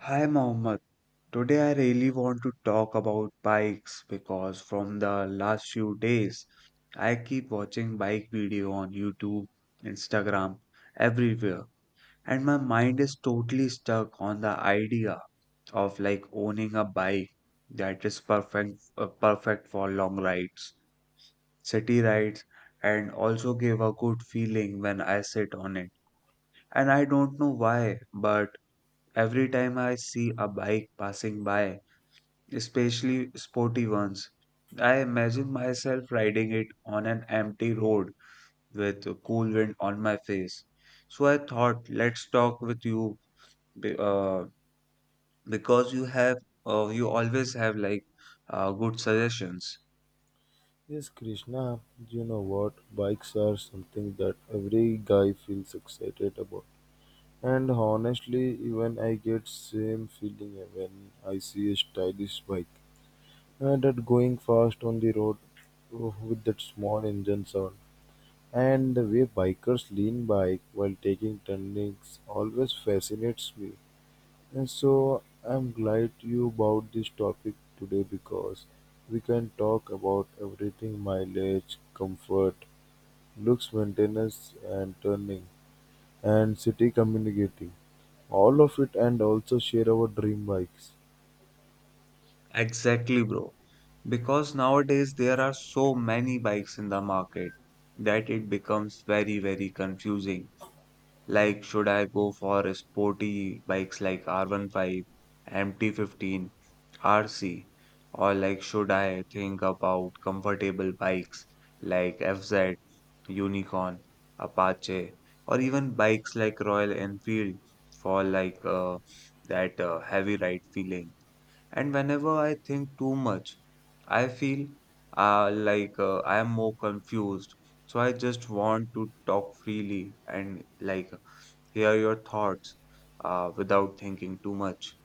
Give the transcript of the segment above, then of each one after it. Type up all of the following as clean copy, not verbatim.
Hi Mohammed. Today I really want to talk about bikes because from the last few days I keep watching bike video on YouTube, Instagram, everywhere and my mind is totally stuck on the idea of like owning a bike that is perfect for long rides, city rides and also give a good feeling when I sit on it. And I don't know why, but every time I see a bike passing by, especially sporty ones. I imagine myself riding it on an empty road with a cool wind on my face. So I thought, let's talk with you be- uh, because you have, you always have like good suggestions. Yes, Krishna, you know what? Bikes are something that every guy feels excited about. And honestly, even I get same feeling when I see a stylish bike. And that going fast on the road oh, with that small engine sound. And the way bikers lean bike while taking turnings always fascinates me. And so I'm glad you bought this topic today because we can talk about everything mileage, comfort, looks, maintenance, and turning, and city communicating. All of it, and also share our dream bikes. Exactly, bro. Because nowadays there are so many bikes in the market that it becomes very, very confusing. Like, should I go for sporty bikes like R15, MT15, RC, or like, should I think about comfortable bikes like FZ, Unicorn, Apache, or even bikes like Royal Enfield for like that heavy ride feeling? And whenever I think too much, I feel I am more confused. So I just want to talk freely and like hear your thoughts without thinking too much.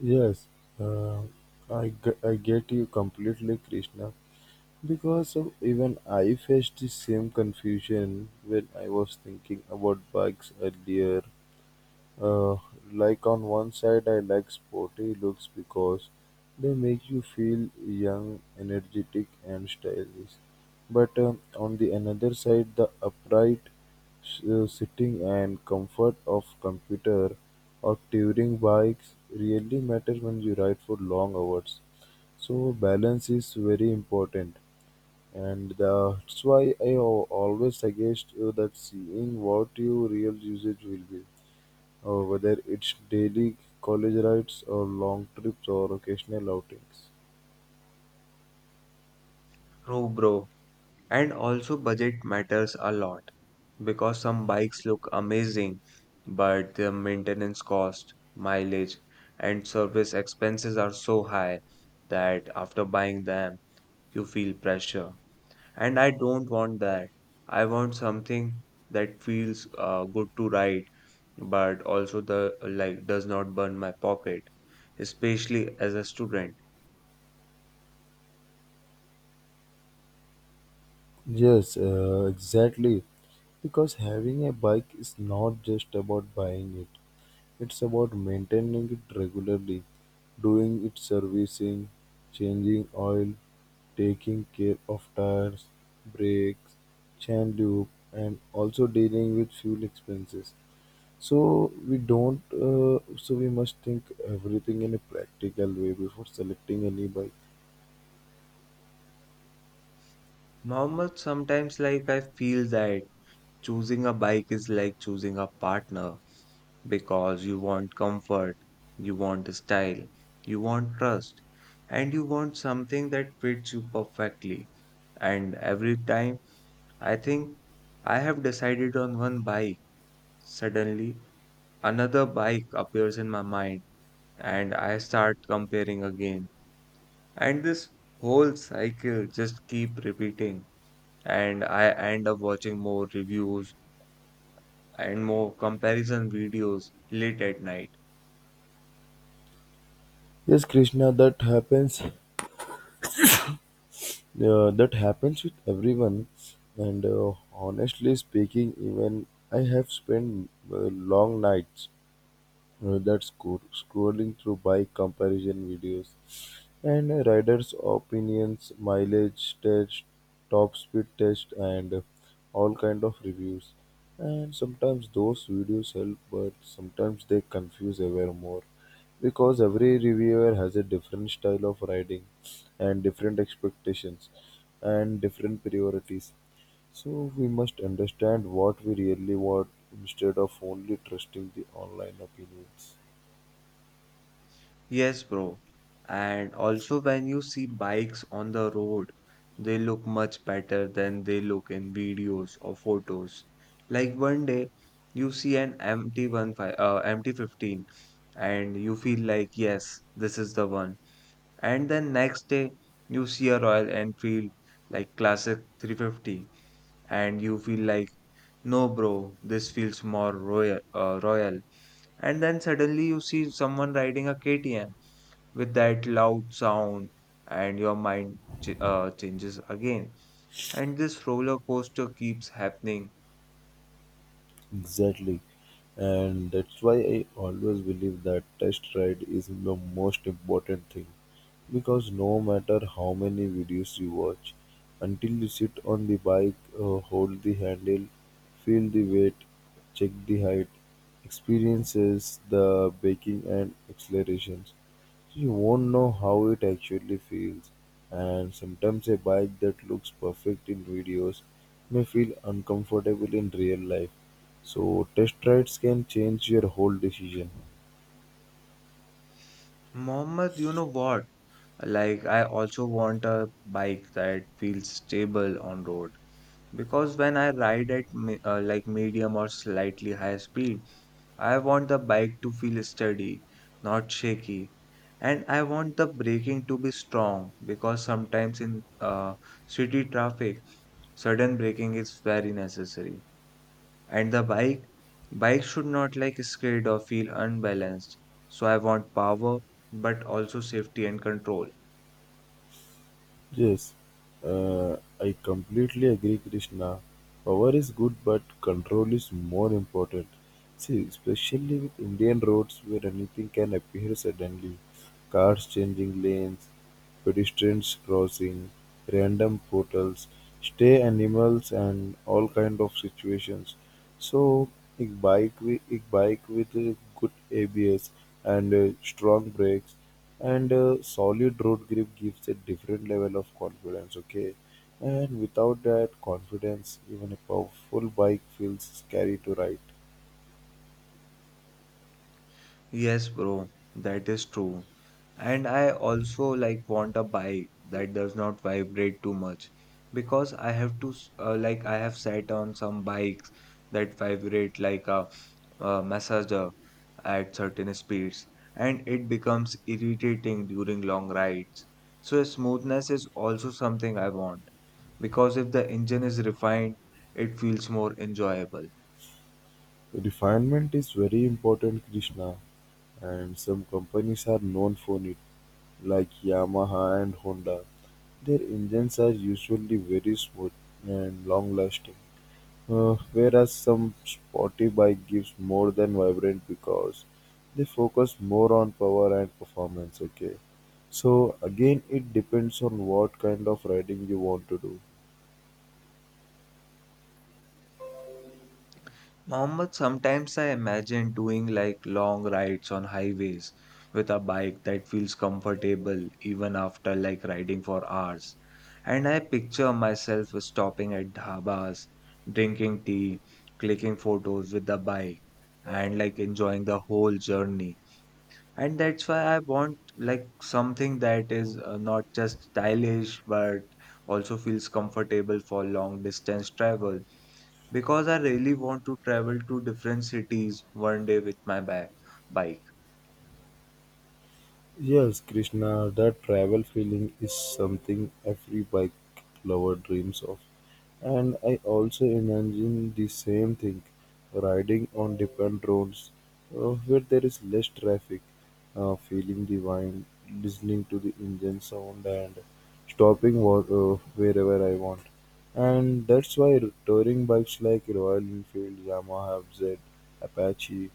Yes, uh, I get you completely, Krishna. Because of even I faced the same confusion when I was thinking about bikes earlier. Uh, like on one side, I like sporty looks because they make you feel young, energetic, and stylish. But on the another side, the upright sitting and comfort of computer or touring bikes really matter when you ride for long hours. So balance is very important, and that's why I always suggest you that seeing what your real usage will be. Whether it's daily college rides or long trips or occasional outings. True, bro. And also, budget matters a lot because some bikes look amazing, but their maintenance cost, mileage, and service expenses are so high that after buying them, you feel pressure. And I don't want that. I want something that feels good to ride, but also the like does not burn my pocket, especially as a student. Yes, exactly. Because having a bike is not just about buying it, it's about maintaining it regularly, doing its servicing, changing oil, taking care of tires, brakes, chain loop, and also dealing with fuel expenses. So we don't. So we must think everything in a practical way before selecting any bike. Mohammed, sometimes like I feel that choosing a bike is like choosing a partner because you want comfort, you want style, you want trust, and you want something that fits you perfectly. And every time I think I have decided on one bike, suddenly another bike appears in my mind and I start comparing again. And this whole cycle just keep repeating and I end up watching more reviews and more comparison videos late at night. Yes, Krishna, that happens. That happens with everyone. And honestly speaking, even I have spent long nights scrolling through bike comparison videos and riders' opinions, mileage test, top speed test, and all kind of reviews. And sometimes those videos help, but sometimes they confuse ever more because every reviewer has a different style of riding and different expectations and different priorities. So we must understand what we really want instead of only trusting the online opinions. Yes, bro. And also, when you see bikes on the road, they look much better than they look in videos or photos. Like one day, you see an MT-15 and you feel like, yes, this is the one. And then next day, you see a Royal Enfield like Classic 350 and you feel like no bro, this feels more royal and then suddenly you see someone riding a KTM with that loud sound and your mind changes again and this roller coaster keeps happening. Exactly. And that's why I always believe that test ride is the most important thing. Because no matter how many videos you watch, until you sit on the bike, hold the handle, feel the weight, check the height, experiences the braking and accelerations, you won't know how it actually feels, and sometimes a bike that looks perfect in videos may feel uncomfortable in real life. So, test rides can change your whole decision. Mohammed, you know what? Like I also want a bike that feels stable on road because when I ride at like medium or slightly high speed I want the bike to feel steady, not shaky. And I want the braking to be strong because sometimes in city traffic, sudden braking is very necessary. And the bike should not like skid or feel unbalanced. So I want power, but also safety and control. Yes, I completely agree, Krishna. Power is good, but control is more important. See, especially with Indian roads where anything can appear suddenly cars changing lanes, pedestrians crossing, random portals, stray animals, and all kind of situations. So a bike with good ABS and strong brakes and solid road grip gives a different level of confidence. Okay, and without that confidence, even a powerful bike feels scary to ride. Yes, bro, that is true. And I also like want a bike that does not vibrate too much because I have to s- like I have sat on some bikes that vibrate like a massager at certain speeds and it becomes irritating during long rides. So smoothness is also something I want because if the engine is refined, it feels more enjoyable. Refinement is very important, Krishna, and some companies are known for it, like Yamaha and Honda. Their engines are usually very smooth and long lasting. Whereas some Spotify gives more than Vibrant because they focus more on power and performance. Okay, so again, it depends on what kind of riding you want to do. Mohammed, sometimes I imagine doing like long rides on highways with a bike that feels comfortable even after like riding for hours. And I picture myself stopping at dhabas, drinking tea, clicking photos with the bike, and like enjoying the whole journey. And that's why I want like something that is not just stylish but also feels comfortable for long distance travel because I really want to travel to different cities one day with my bike. Yes, Krishna, that travel feeling is something every bike lover dreams of. And I also imagine the same thing riding on different roads where there is less traffic, feeling the wind, listening to the engine sound, and stopping wherever I want. And that's why touring bikes like Royal Enfield, Yamaha, FZ, Apache,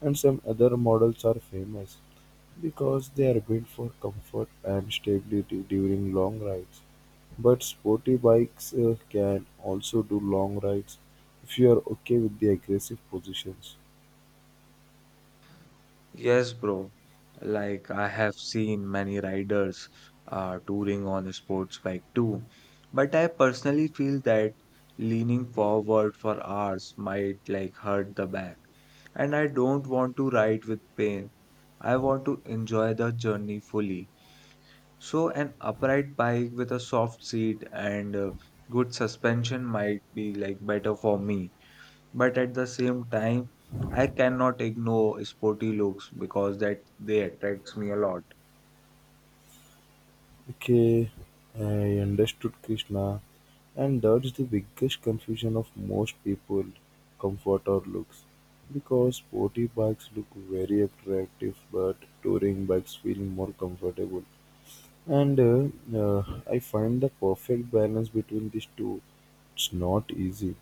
and some other models are famous because they are built for comfort and stability during long rides. But sporty bikes can also do long rides if you are okay with the aggressive positions. Yes, bro. Like I have seen many riders touring on a sports bike too, but I personally feel that leaning forward for hours might like hurt the back, and I don't want to ride with pain. I want to enjoy the journey fully. So an upright bike with a soft seat and good suspension might be like better for me but at the same time I cannot ignore sporty looks because that they attracts me a lot. Okay, I understood Krishna, and that's the biggest confusion of most people comfort or looks because sporty bikes look very attractive but touring bikes feel more comfortable and I find the perfect balance between these two. It's not easy,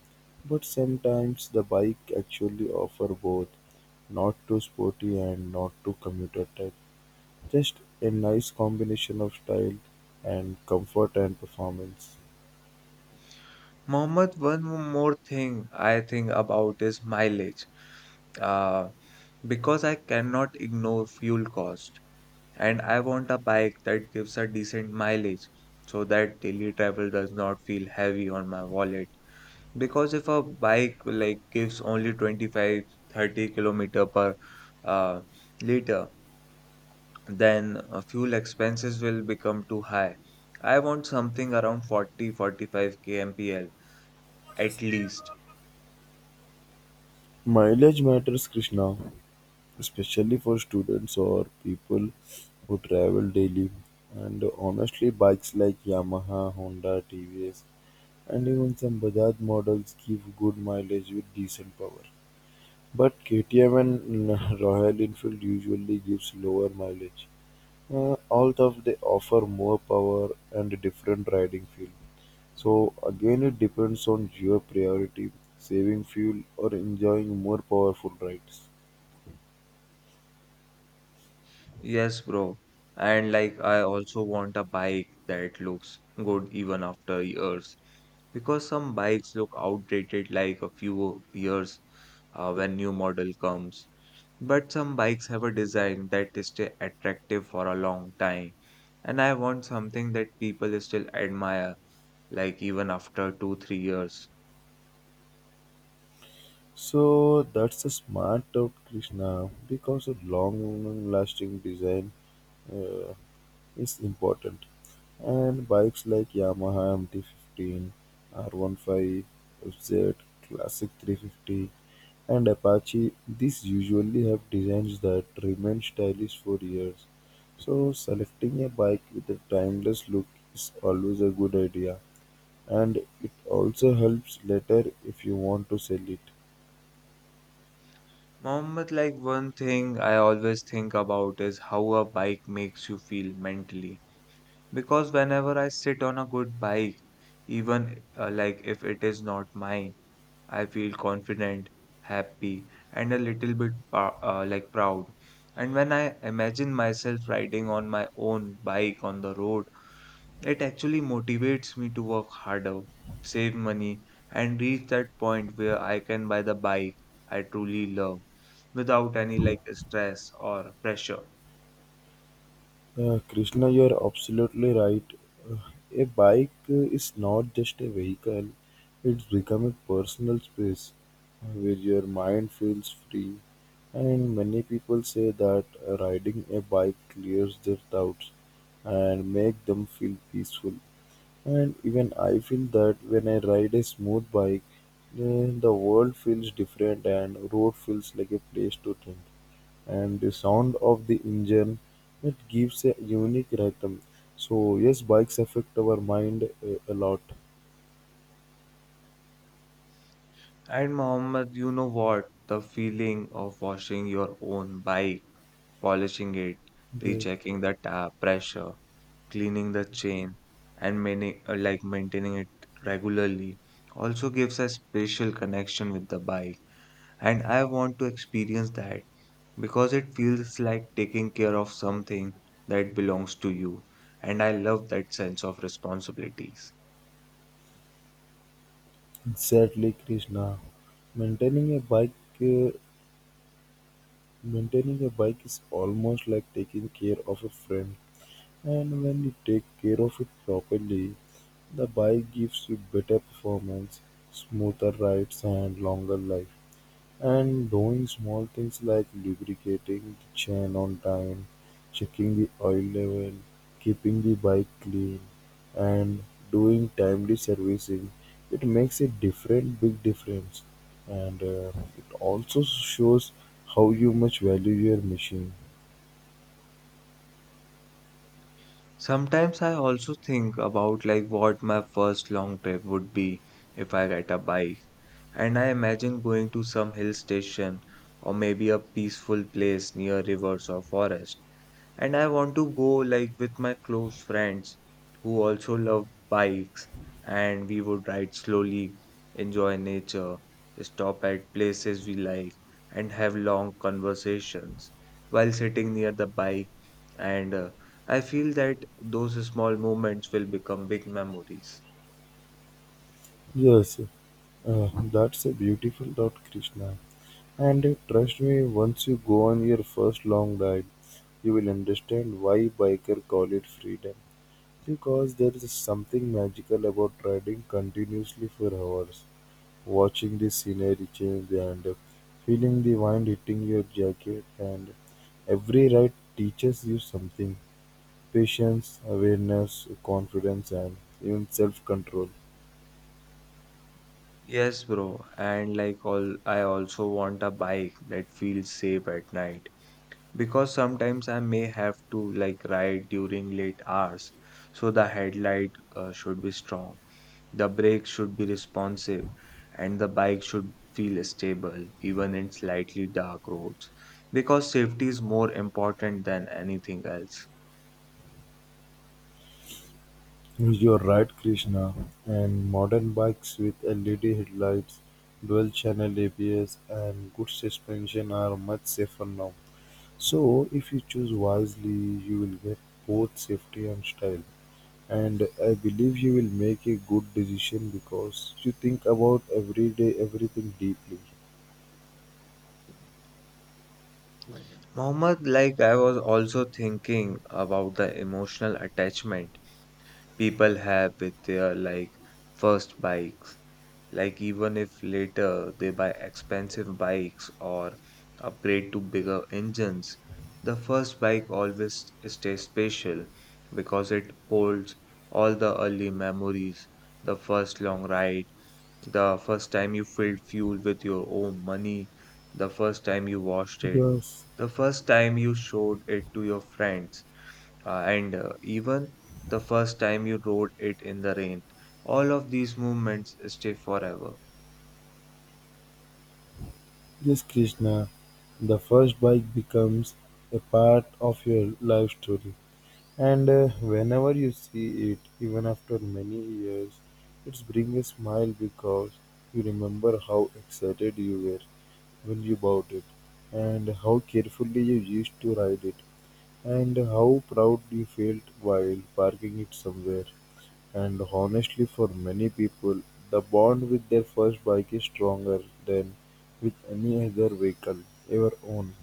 but sometimes the bike actually offer both, not too sporty and not too commuter type. Just a nice combination of style and comfort and performance. Mohammed, one more thing I think about is mileage. Uh, because I cannot ignore fuel cost and I want a bike that gives a decent mileage so that daily travel does not feel heavy on my wallet. Because if a bike like gives only 25-30 kilometer per uh, liter then fuel expenses will become too high. I want something around 40-45 kmpl at least. Mileage matters, Krishna, especially for students or people who travel daily. And honestly, bikes like Yamaha, Honda, TVS, and even some Bajaj models give good mileage with decent power. But KTM and Royal Enfield usually gives lower mileage, although they offer more power and different riding feel. So again, it depends on your priority, saving fuel or enjoying more powerful rides. Yes, bro. And like, I also want a bike that looks good even after years. Because some bikes look outdated like a few years when new model comes. But some bikes have a design that is stay attractive for a long time. And I want something that people still admire, like even after two, 3 years. So that's a smart out, Krishna, because a long-lasting design uh, is important. And bikes like Yamaha MT-15, R15, FZ, Classic 350 and Apache, these usually have designs that remain stylish for years. So selecting a bike with a timeless look is always a good idea, and it also helps later if you want to sell it. Mohammed, like one thing I always think about is how a bike makes you feel mentally. Because whenever I sit on a good bike, even like if it is not mine, I feel confident, happy, and a little bit like proud. And when I imagine myself riding on my own bike on the road, it actually motivates me to work harder, save money, and reach that point where I can buy the bike I truly love without any like stress or pressure. Krishna, you're absolutely right. Uh, a bike is not just a vehicle, it's become a personal space where your mind feels free. And many people say that riding a bike clears their doubts and make them feel peaceful. And even I feel that when I ride a smooth bike, then the world feels different and road feels like a place to think and the sound of the engine it gives a unique rhythm. So yes, bikes affect our mind a lot. And Mohammed, you know what? The feeling of washing your own bike, polishing it, Yeah, rechecking the tap pressure, cleaning the chain, and many, like maintaining it regularly also gives a special connection with the bike. And I want to experience that because it feels like taking care of something that belongs to you. And I love that sense of responsibilities. exactly Krishna. Maintaining a bike uh, maintaining a bike is almost like taking care of a friend, and when you take care of it properly the bike gives you better performance, smoother rides and longer life. And doing small things like lubricating the chain on time, checking the oil level, keeping the bike clean, and doing timely servicing, it makes a different big difference. And it also shows how you much value your machine. Sometimes I also think about like what my first long trip would be if I get a bike, and I imagine going to some hill station or maybe a peaceful place near rivers or forest and I want to go like with my close friends who also love bikes and we would ride slowly, enjoy nature, stop at places we like and have long conversations while sitting near the bike and I feel that those small moments will become big memories. Yes, that's a beautiful thought, Krishna. And trust me, once you go on your first long ride, you will understand why biker call it freedom. Because there is something magical about riding continuously for hours, watching the scenery change and feeling the wind hitting your jacket and every ride teaches you something. Patience, awareness, confidence and even self-control. Yes, bro, and like all I also want a bike that feels safe at night because sometimes I may have to like ride during late hours. So the headlight should be strong, the brakes should be responsive, and the bike should feel stable even in slightly dark roads because safety is more important than anything else. You're right, Krishna. And modern bikes with LED headlights, dual channel ABS, and good suspension are much safer now. So, if you choose wisely, you will get both safety and style. And I believe you will make a good decision because you think about every day everything deeply. Mohammed, like I was also thinking about the emotional attachment people have with their like first bikes. Like, even if later they buy expensive bikes or upgrade to bigger engines, the first bike always stays special because it holds all the early memories, the first long ride, the first time you filled fuel with your own money, the first time you washed it, Yes, the first time you showed it to your friends, and even the first time you rode it in the rain. All of these moments stay forever. yes, Krishna. The first bike becomes a part of your life story. And whenever you see it, even after many years, it brings a smile because you remember how excited you were when you bought it, and how carefully you used to ride it, and how proud you felt while parking it somewhere. And honestly, for many people, the bond with their first bike is stronger than with any other vehicle ever owned.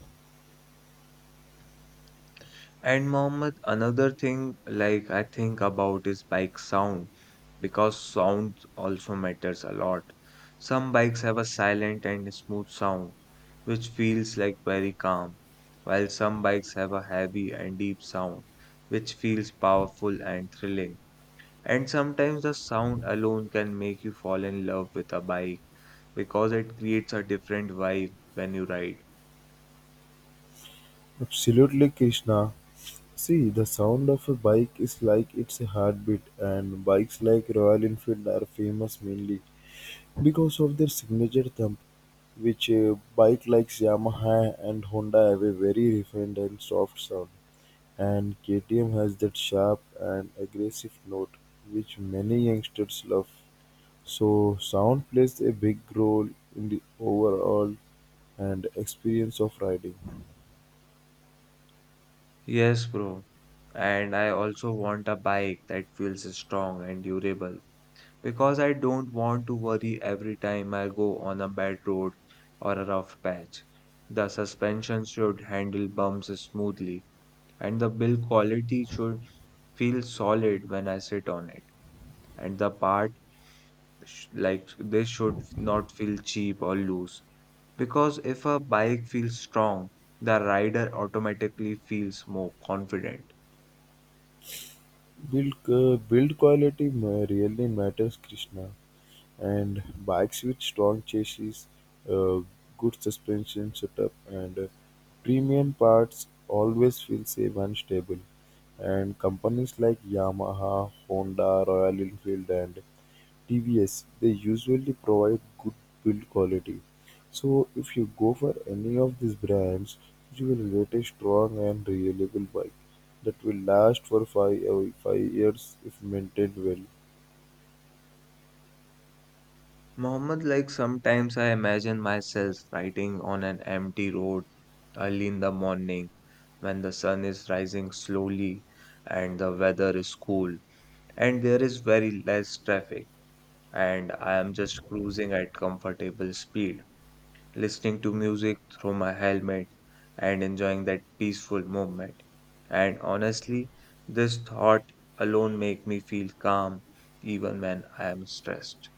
And Mohammed, another thing like I think about is bike sound because sound also matters a lot. Some bikes have a silent and smooth sound which feels like very calm, while some bikes have a heavy and deep sound which feels powerful and thrilling. And sometimes the sound alone can make you fall in love with a bike because it creates a different vibe when you ride. Absolutely, Krishna. See, the sound of a bike is like it's a heartbeat, and bikes like Royal Enfield are famous mainly because of their signature thump, which bike like Yamaha and Honda have a very refined and soft sound, and KTM has that sharp and aggressive note which many youngsters love. So, sound plays a big role in the overall and experience of riding. Yes, bro. And I also want a bike that feels strong and durable because I don't want to worry every time I go on a bad road or a rough patch. The suspension should handle bumps smoothly, and the build quality should feel solid when I sit on it. And the part like this should not feel cheap or loose because if a bike feels strong, the rider automatically feels more confident. Build quality really matters, Krishna. And bikes with strong chassis, uh, good suspension setup, and premium parts always feel safe and stable. And companies like Yamaha, Honda, Royal Enfield, and TVS they usually provide good build quality. So if you go for any of these brands, you will get a strong and reliable bike that will last for five years if maintained well. Mohammed, like sometimes I imagine myself riding on an empty road early in the morning when the sun is rising slowly and the weather is cool and there is very less traffic and I am just cruising at comfortable speed, listening to music through my helmet and enjoying that peaceful moment. And honestly, this thought alone make me feel calm even when I am stressed.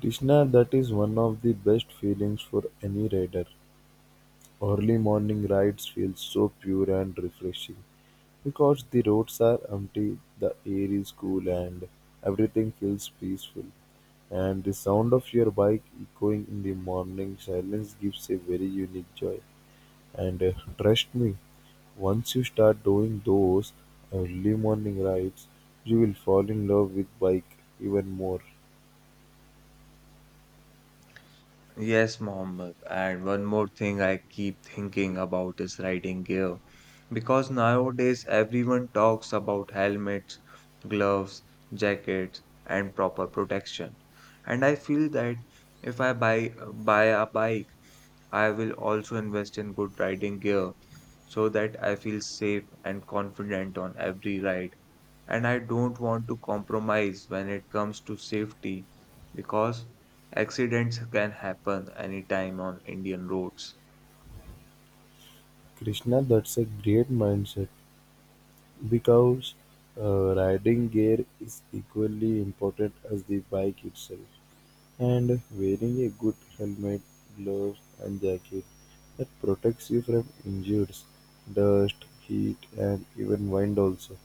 Krishna that is one of the best feelings for any rider. Early morning rides feel so pure and refreshing because the roads are empty, the air is cool and everything feels peaceful. And the sound of your bike echoing in the morning silence gives a very unique joy. And trust me, once you start doing those early morning rides, you will fall in love with bike even more. Yes, Mohammed. And one more thing I keep thinking about is riding gear. Because nowadays everyone talks about helmets, gloves, jackets, and proper protection. And I feel that if I buy a bike, I will also invest in good riding gear so that I feel safe and confident on every ride and I don't want to compromise when it comes to safety because accidents can happen anytime on Indian roads. Krishna, that's a great mindset. Because riding gear is equally important as the bike itself, and wearing a good helmet, gloves, and jacket that protects you from injuries, dust, heat, and even wind also.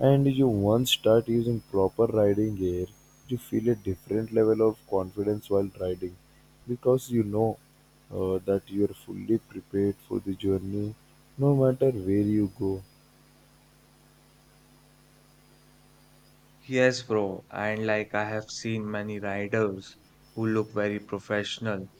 And you once start using proper riding gear, you feel a different level of confidence while riding because you know that you are fully prepared for the journey no matter where you go. Yes, bro, and like I have seen many riders who look very professional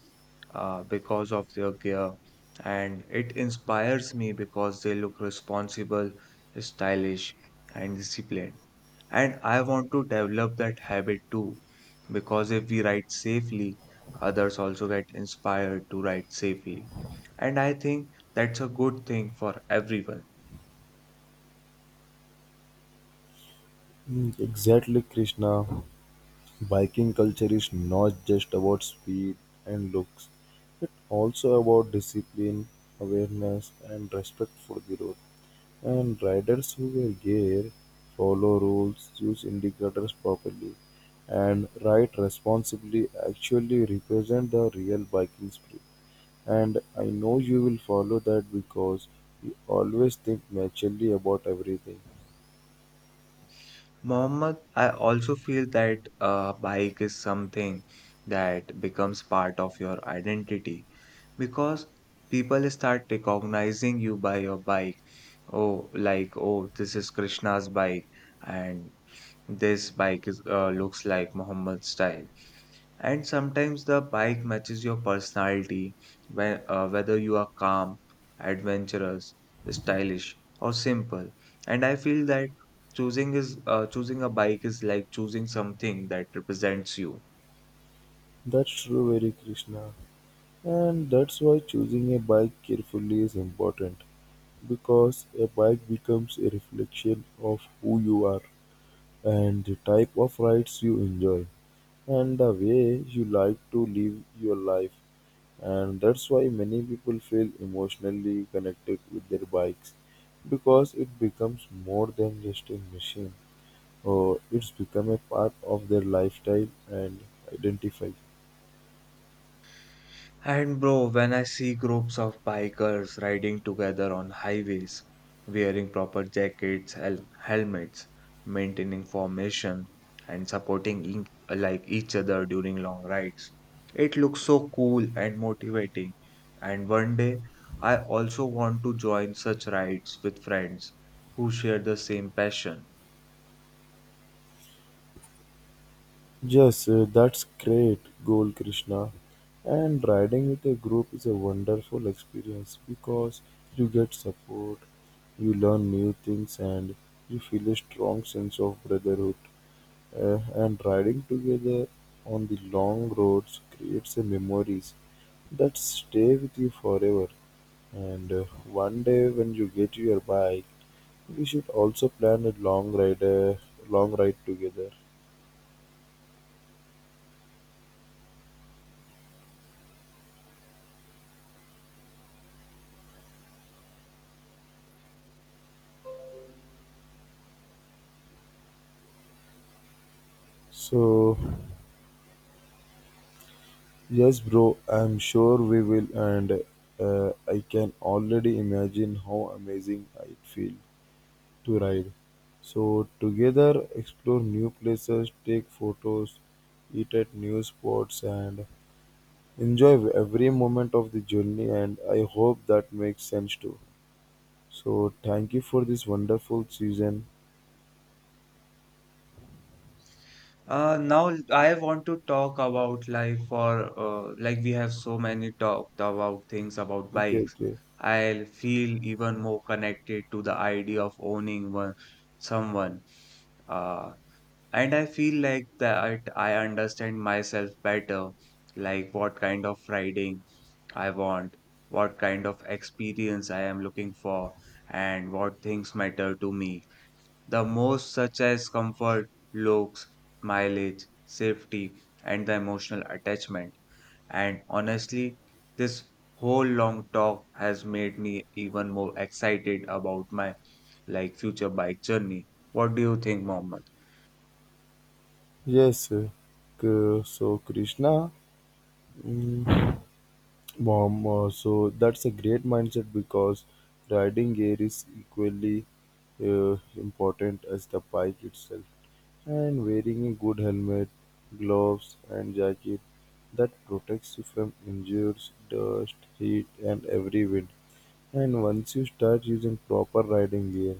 because of their gear, and it inspires me because they look responsible, stylish, and disciplined. And I want to develop that habit too, because if we write safely, others also get inspired to write safely. And I think that's a good thing for everyone. Mm, exactly, Krishna. Viking culture is not just about speed and looks, also about discipline, awareness, and respect for the road. And riders who wear gear follow rules, use indicators properly, and ride responsibly actually represent the real biking spirit. And I know you will follow that because you always think naturally about everything. Mohammed, I also feel that a bike is something that becomes part of your identity because people start recognizing you by your bike. Oh, like, oh, this is Krishna's bike, and this bike is looks like Mohammed's style. And sometimes the bike matches your personality, when, whether you are calm, adventurous, stylish, or simple. And I feel that choosing a bike is like choosing something that represents you. That's true, very Krishna. And that's why choosing a bike carefully is important because a bike becomes a reflection of who you are and the type of rides you enjoy and the way you like to live your life. And that's why many people feel emotionally connected with their bikes because it becomes more than just a machine or it's become a part of their lifestyle and identify. And bro, when I see groups of bikers riding together on highways, wearing proper jackets, helmets, maintaining formation, and supporting like each other during long rides, it looks so cool and motivating. And one day, I also want to join such rides with friends who share the same passion. Yes, that's great goal, Krishna. And riding with a group is a wonderful experience because you get support, you learn new things, and you feel a strong sense of brotherhood. And riding together on the long roads creates a memories that stay with you forever. And one day when you get your bike, we should also plan a long ride together. So yes, bro, I'm sure we will, and I can already imagine how amazing it feels to ride. So, together, explore new places, take photos, eat at new spots, and enjoy every moment of the journey. And I hope that makes sense too. So, thank you for this wonderful season. Now I want to talk about like for like we have so many talked about things about Okay, bikes. okay. I feel even more connected to the idea of owning one someone. Uh, and I feel like that I understand myself better, like what kind of riding I want, what kind of experience I am looking for, and what things matter to me. The most such as comfort, looks, mileage, safety, and the emotional attachment. And honestly, this whole long talk has made me even more excited about my like future bike journey. What do you think, Mohammed? Yes, so Krishna. mm, Warm, so that's a great mindset because riding gear is equally important as the bike itself. And wearing a good helmet, gloves, and jacket that protects you from injuries, dust, heat, and every wind. And once you start using proper riding gear,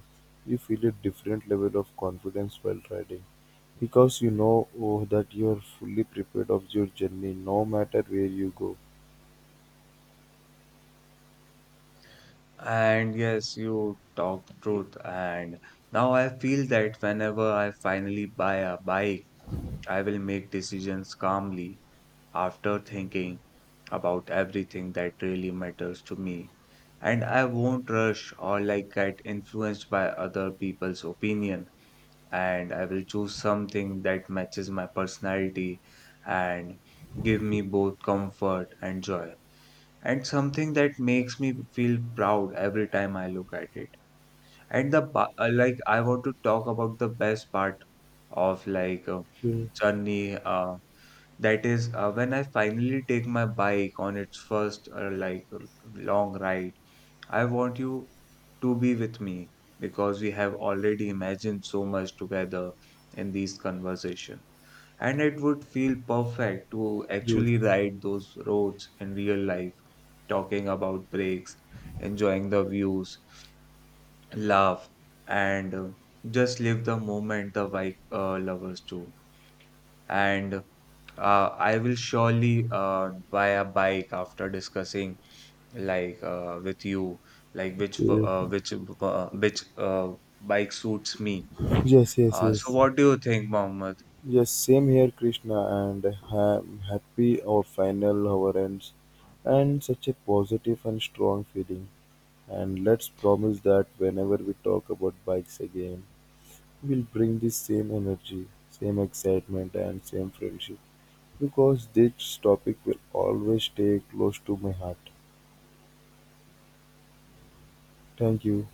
you feel a different level of confidence while riding because you know that you are fully prepared of your journey no matter where you go. And yes, you talk truth. And now I feel that whenever I finally buy a bike, I will make decisions calmly after thinking about everything that really matters to me. And I won't rush or like get influenced by other people's opinion. And I will choose something that matches my personality and give me both comfort and joy. And something that makes me feel proud every time I look at it. And the like, I want to talk about the best part of like Okay, journey. That is, when I finally take my bike on its first like long ride, I want you to be with me because we have already imagined so much together in these conversations. And it would feel perfect to yes. actually ride those roads in real life, talking about breaks, enjoying the views, laugh, and just live the moment the bike lovers do and I will surely buy a bike after discussing like with you like which w- Yes, uh, which w- uh, which uh, bike suits me. yes, So yes. what do you think, Mohammed? Yes, same here, Krishna, and I'm happy our final hour ends and such a positive and strong feeling. And let's promise that whenever we talk about bikes again, we'll bring this same energy, same excitement, and same friendship because this topic will always stay close to my heart. Thank you.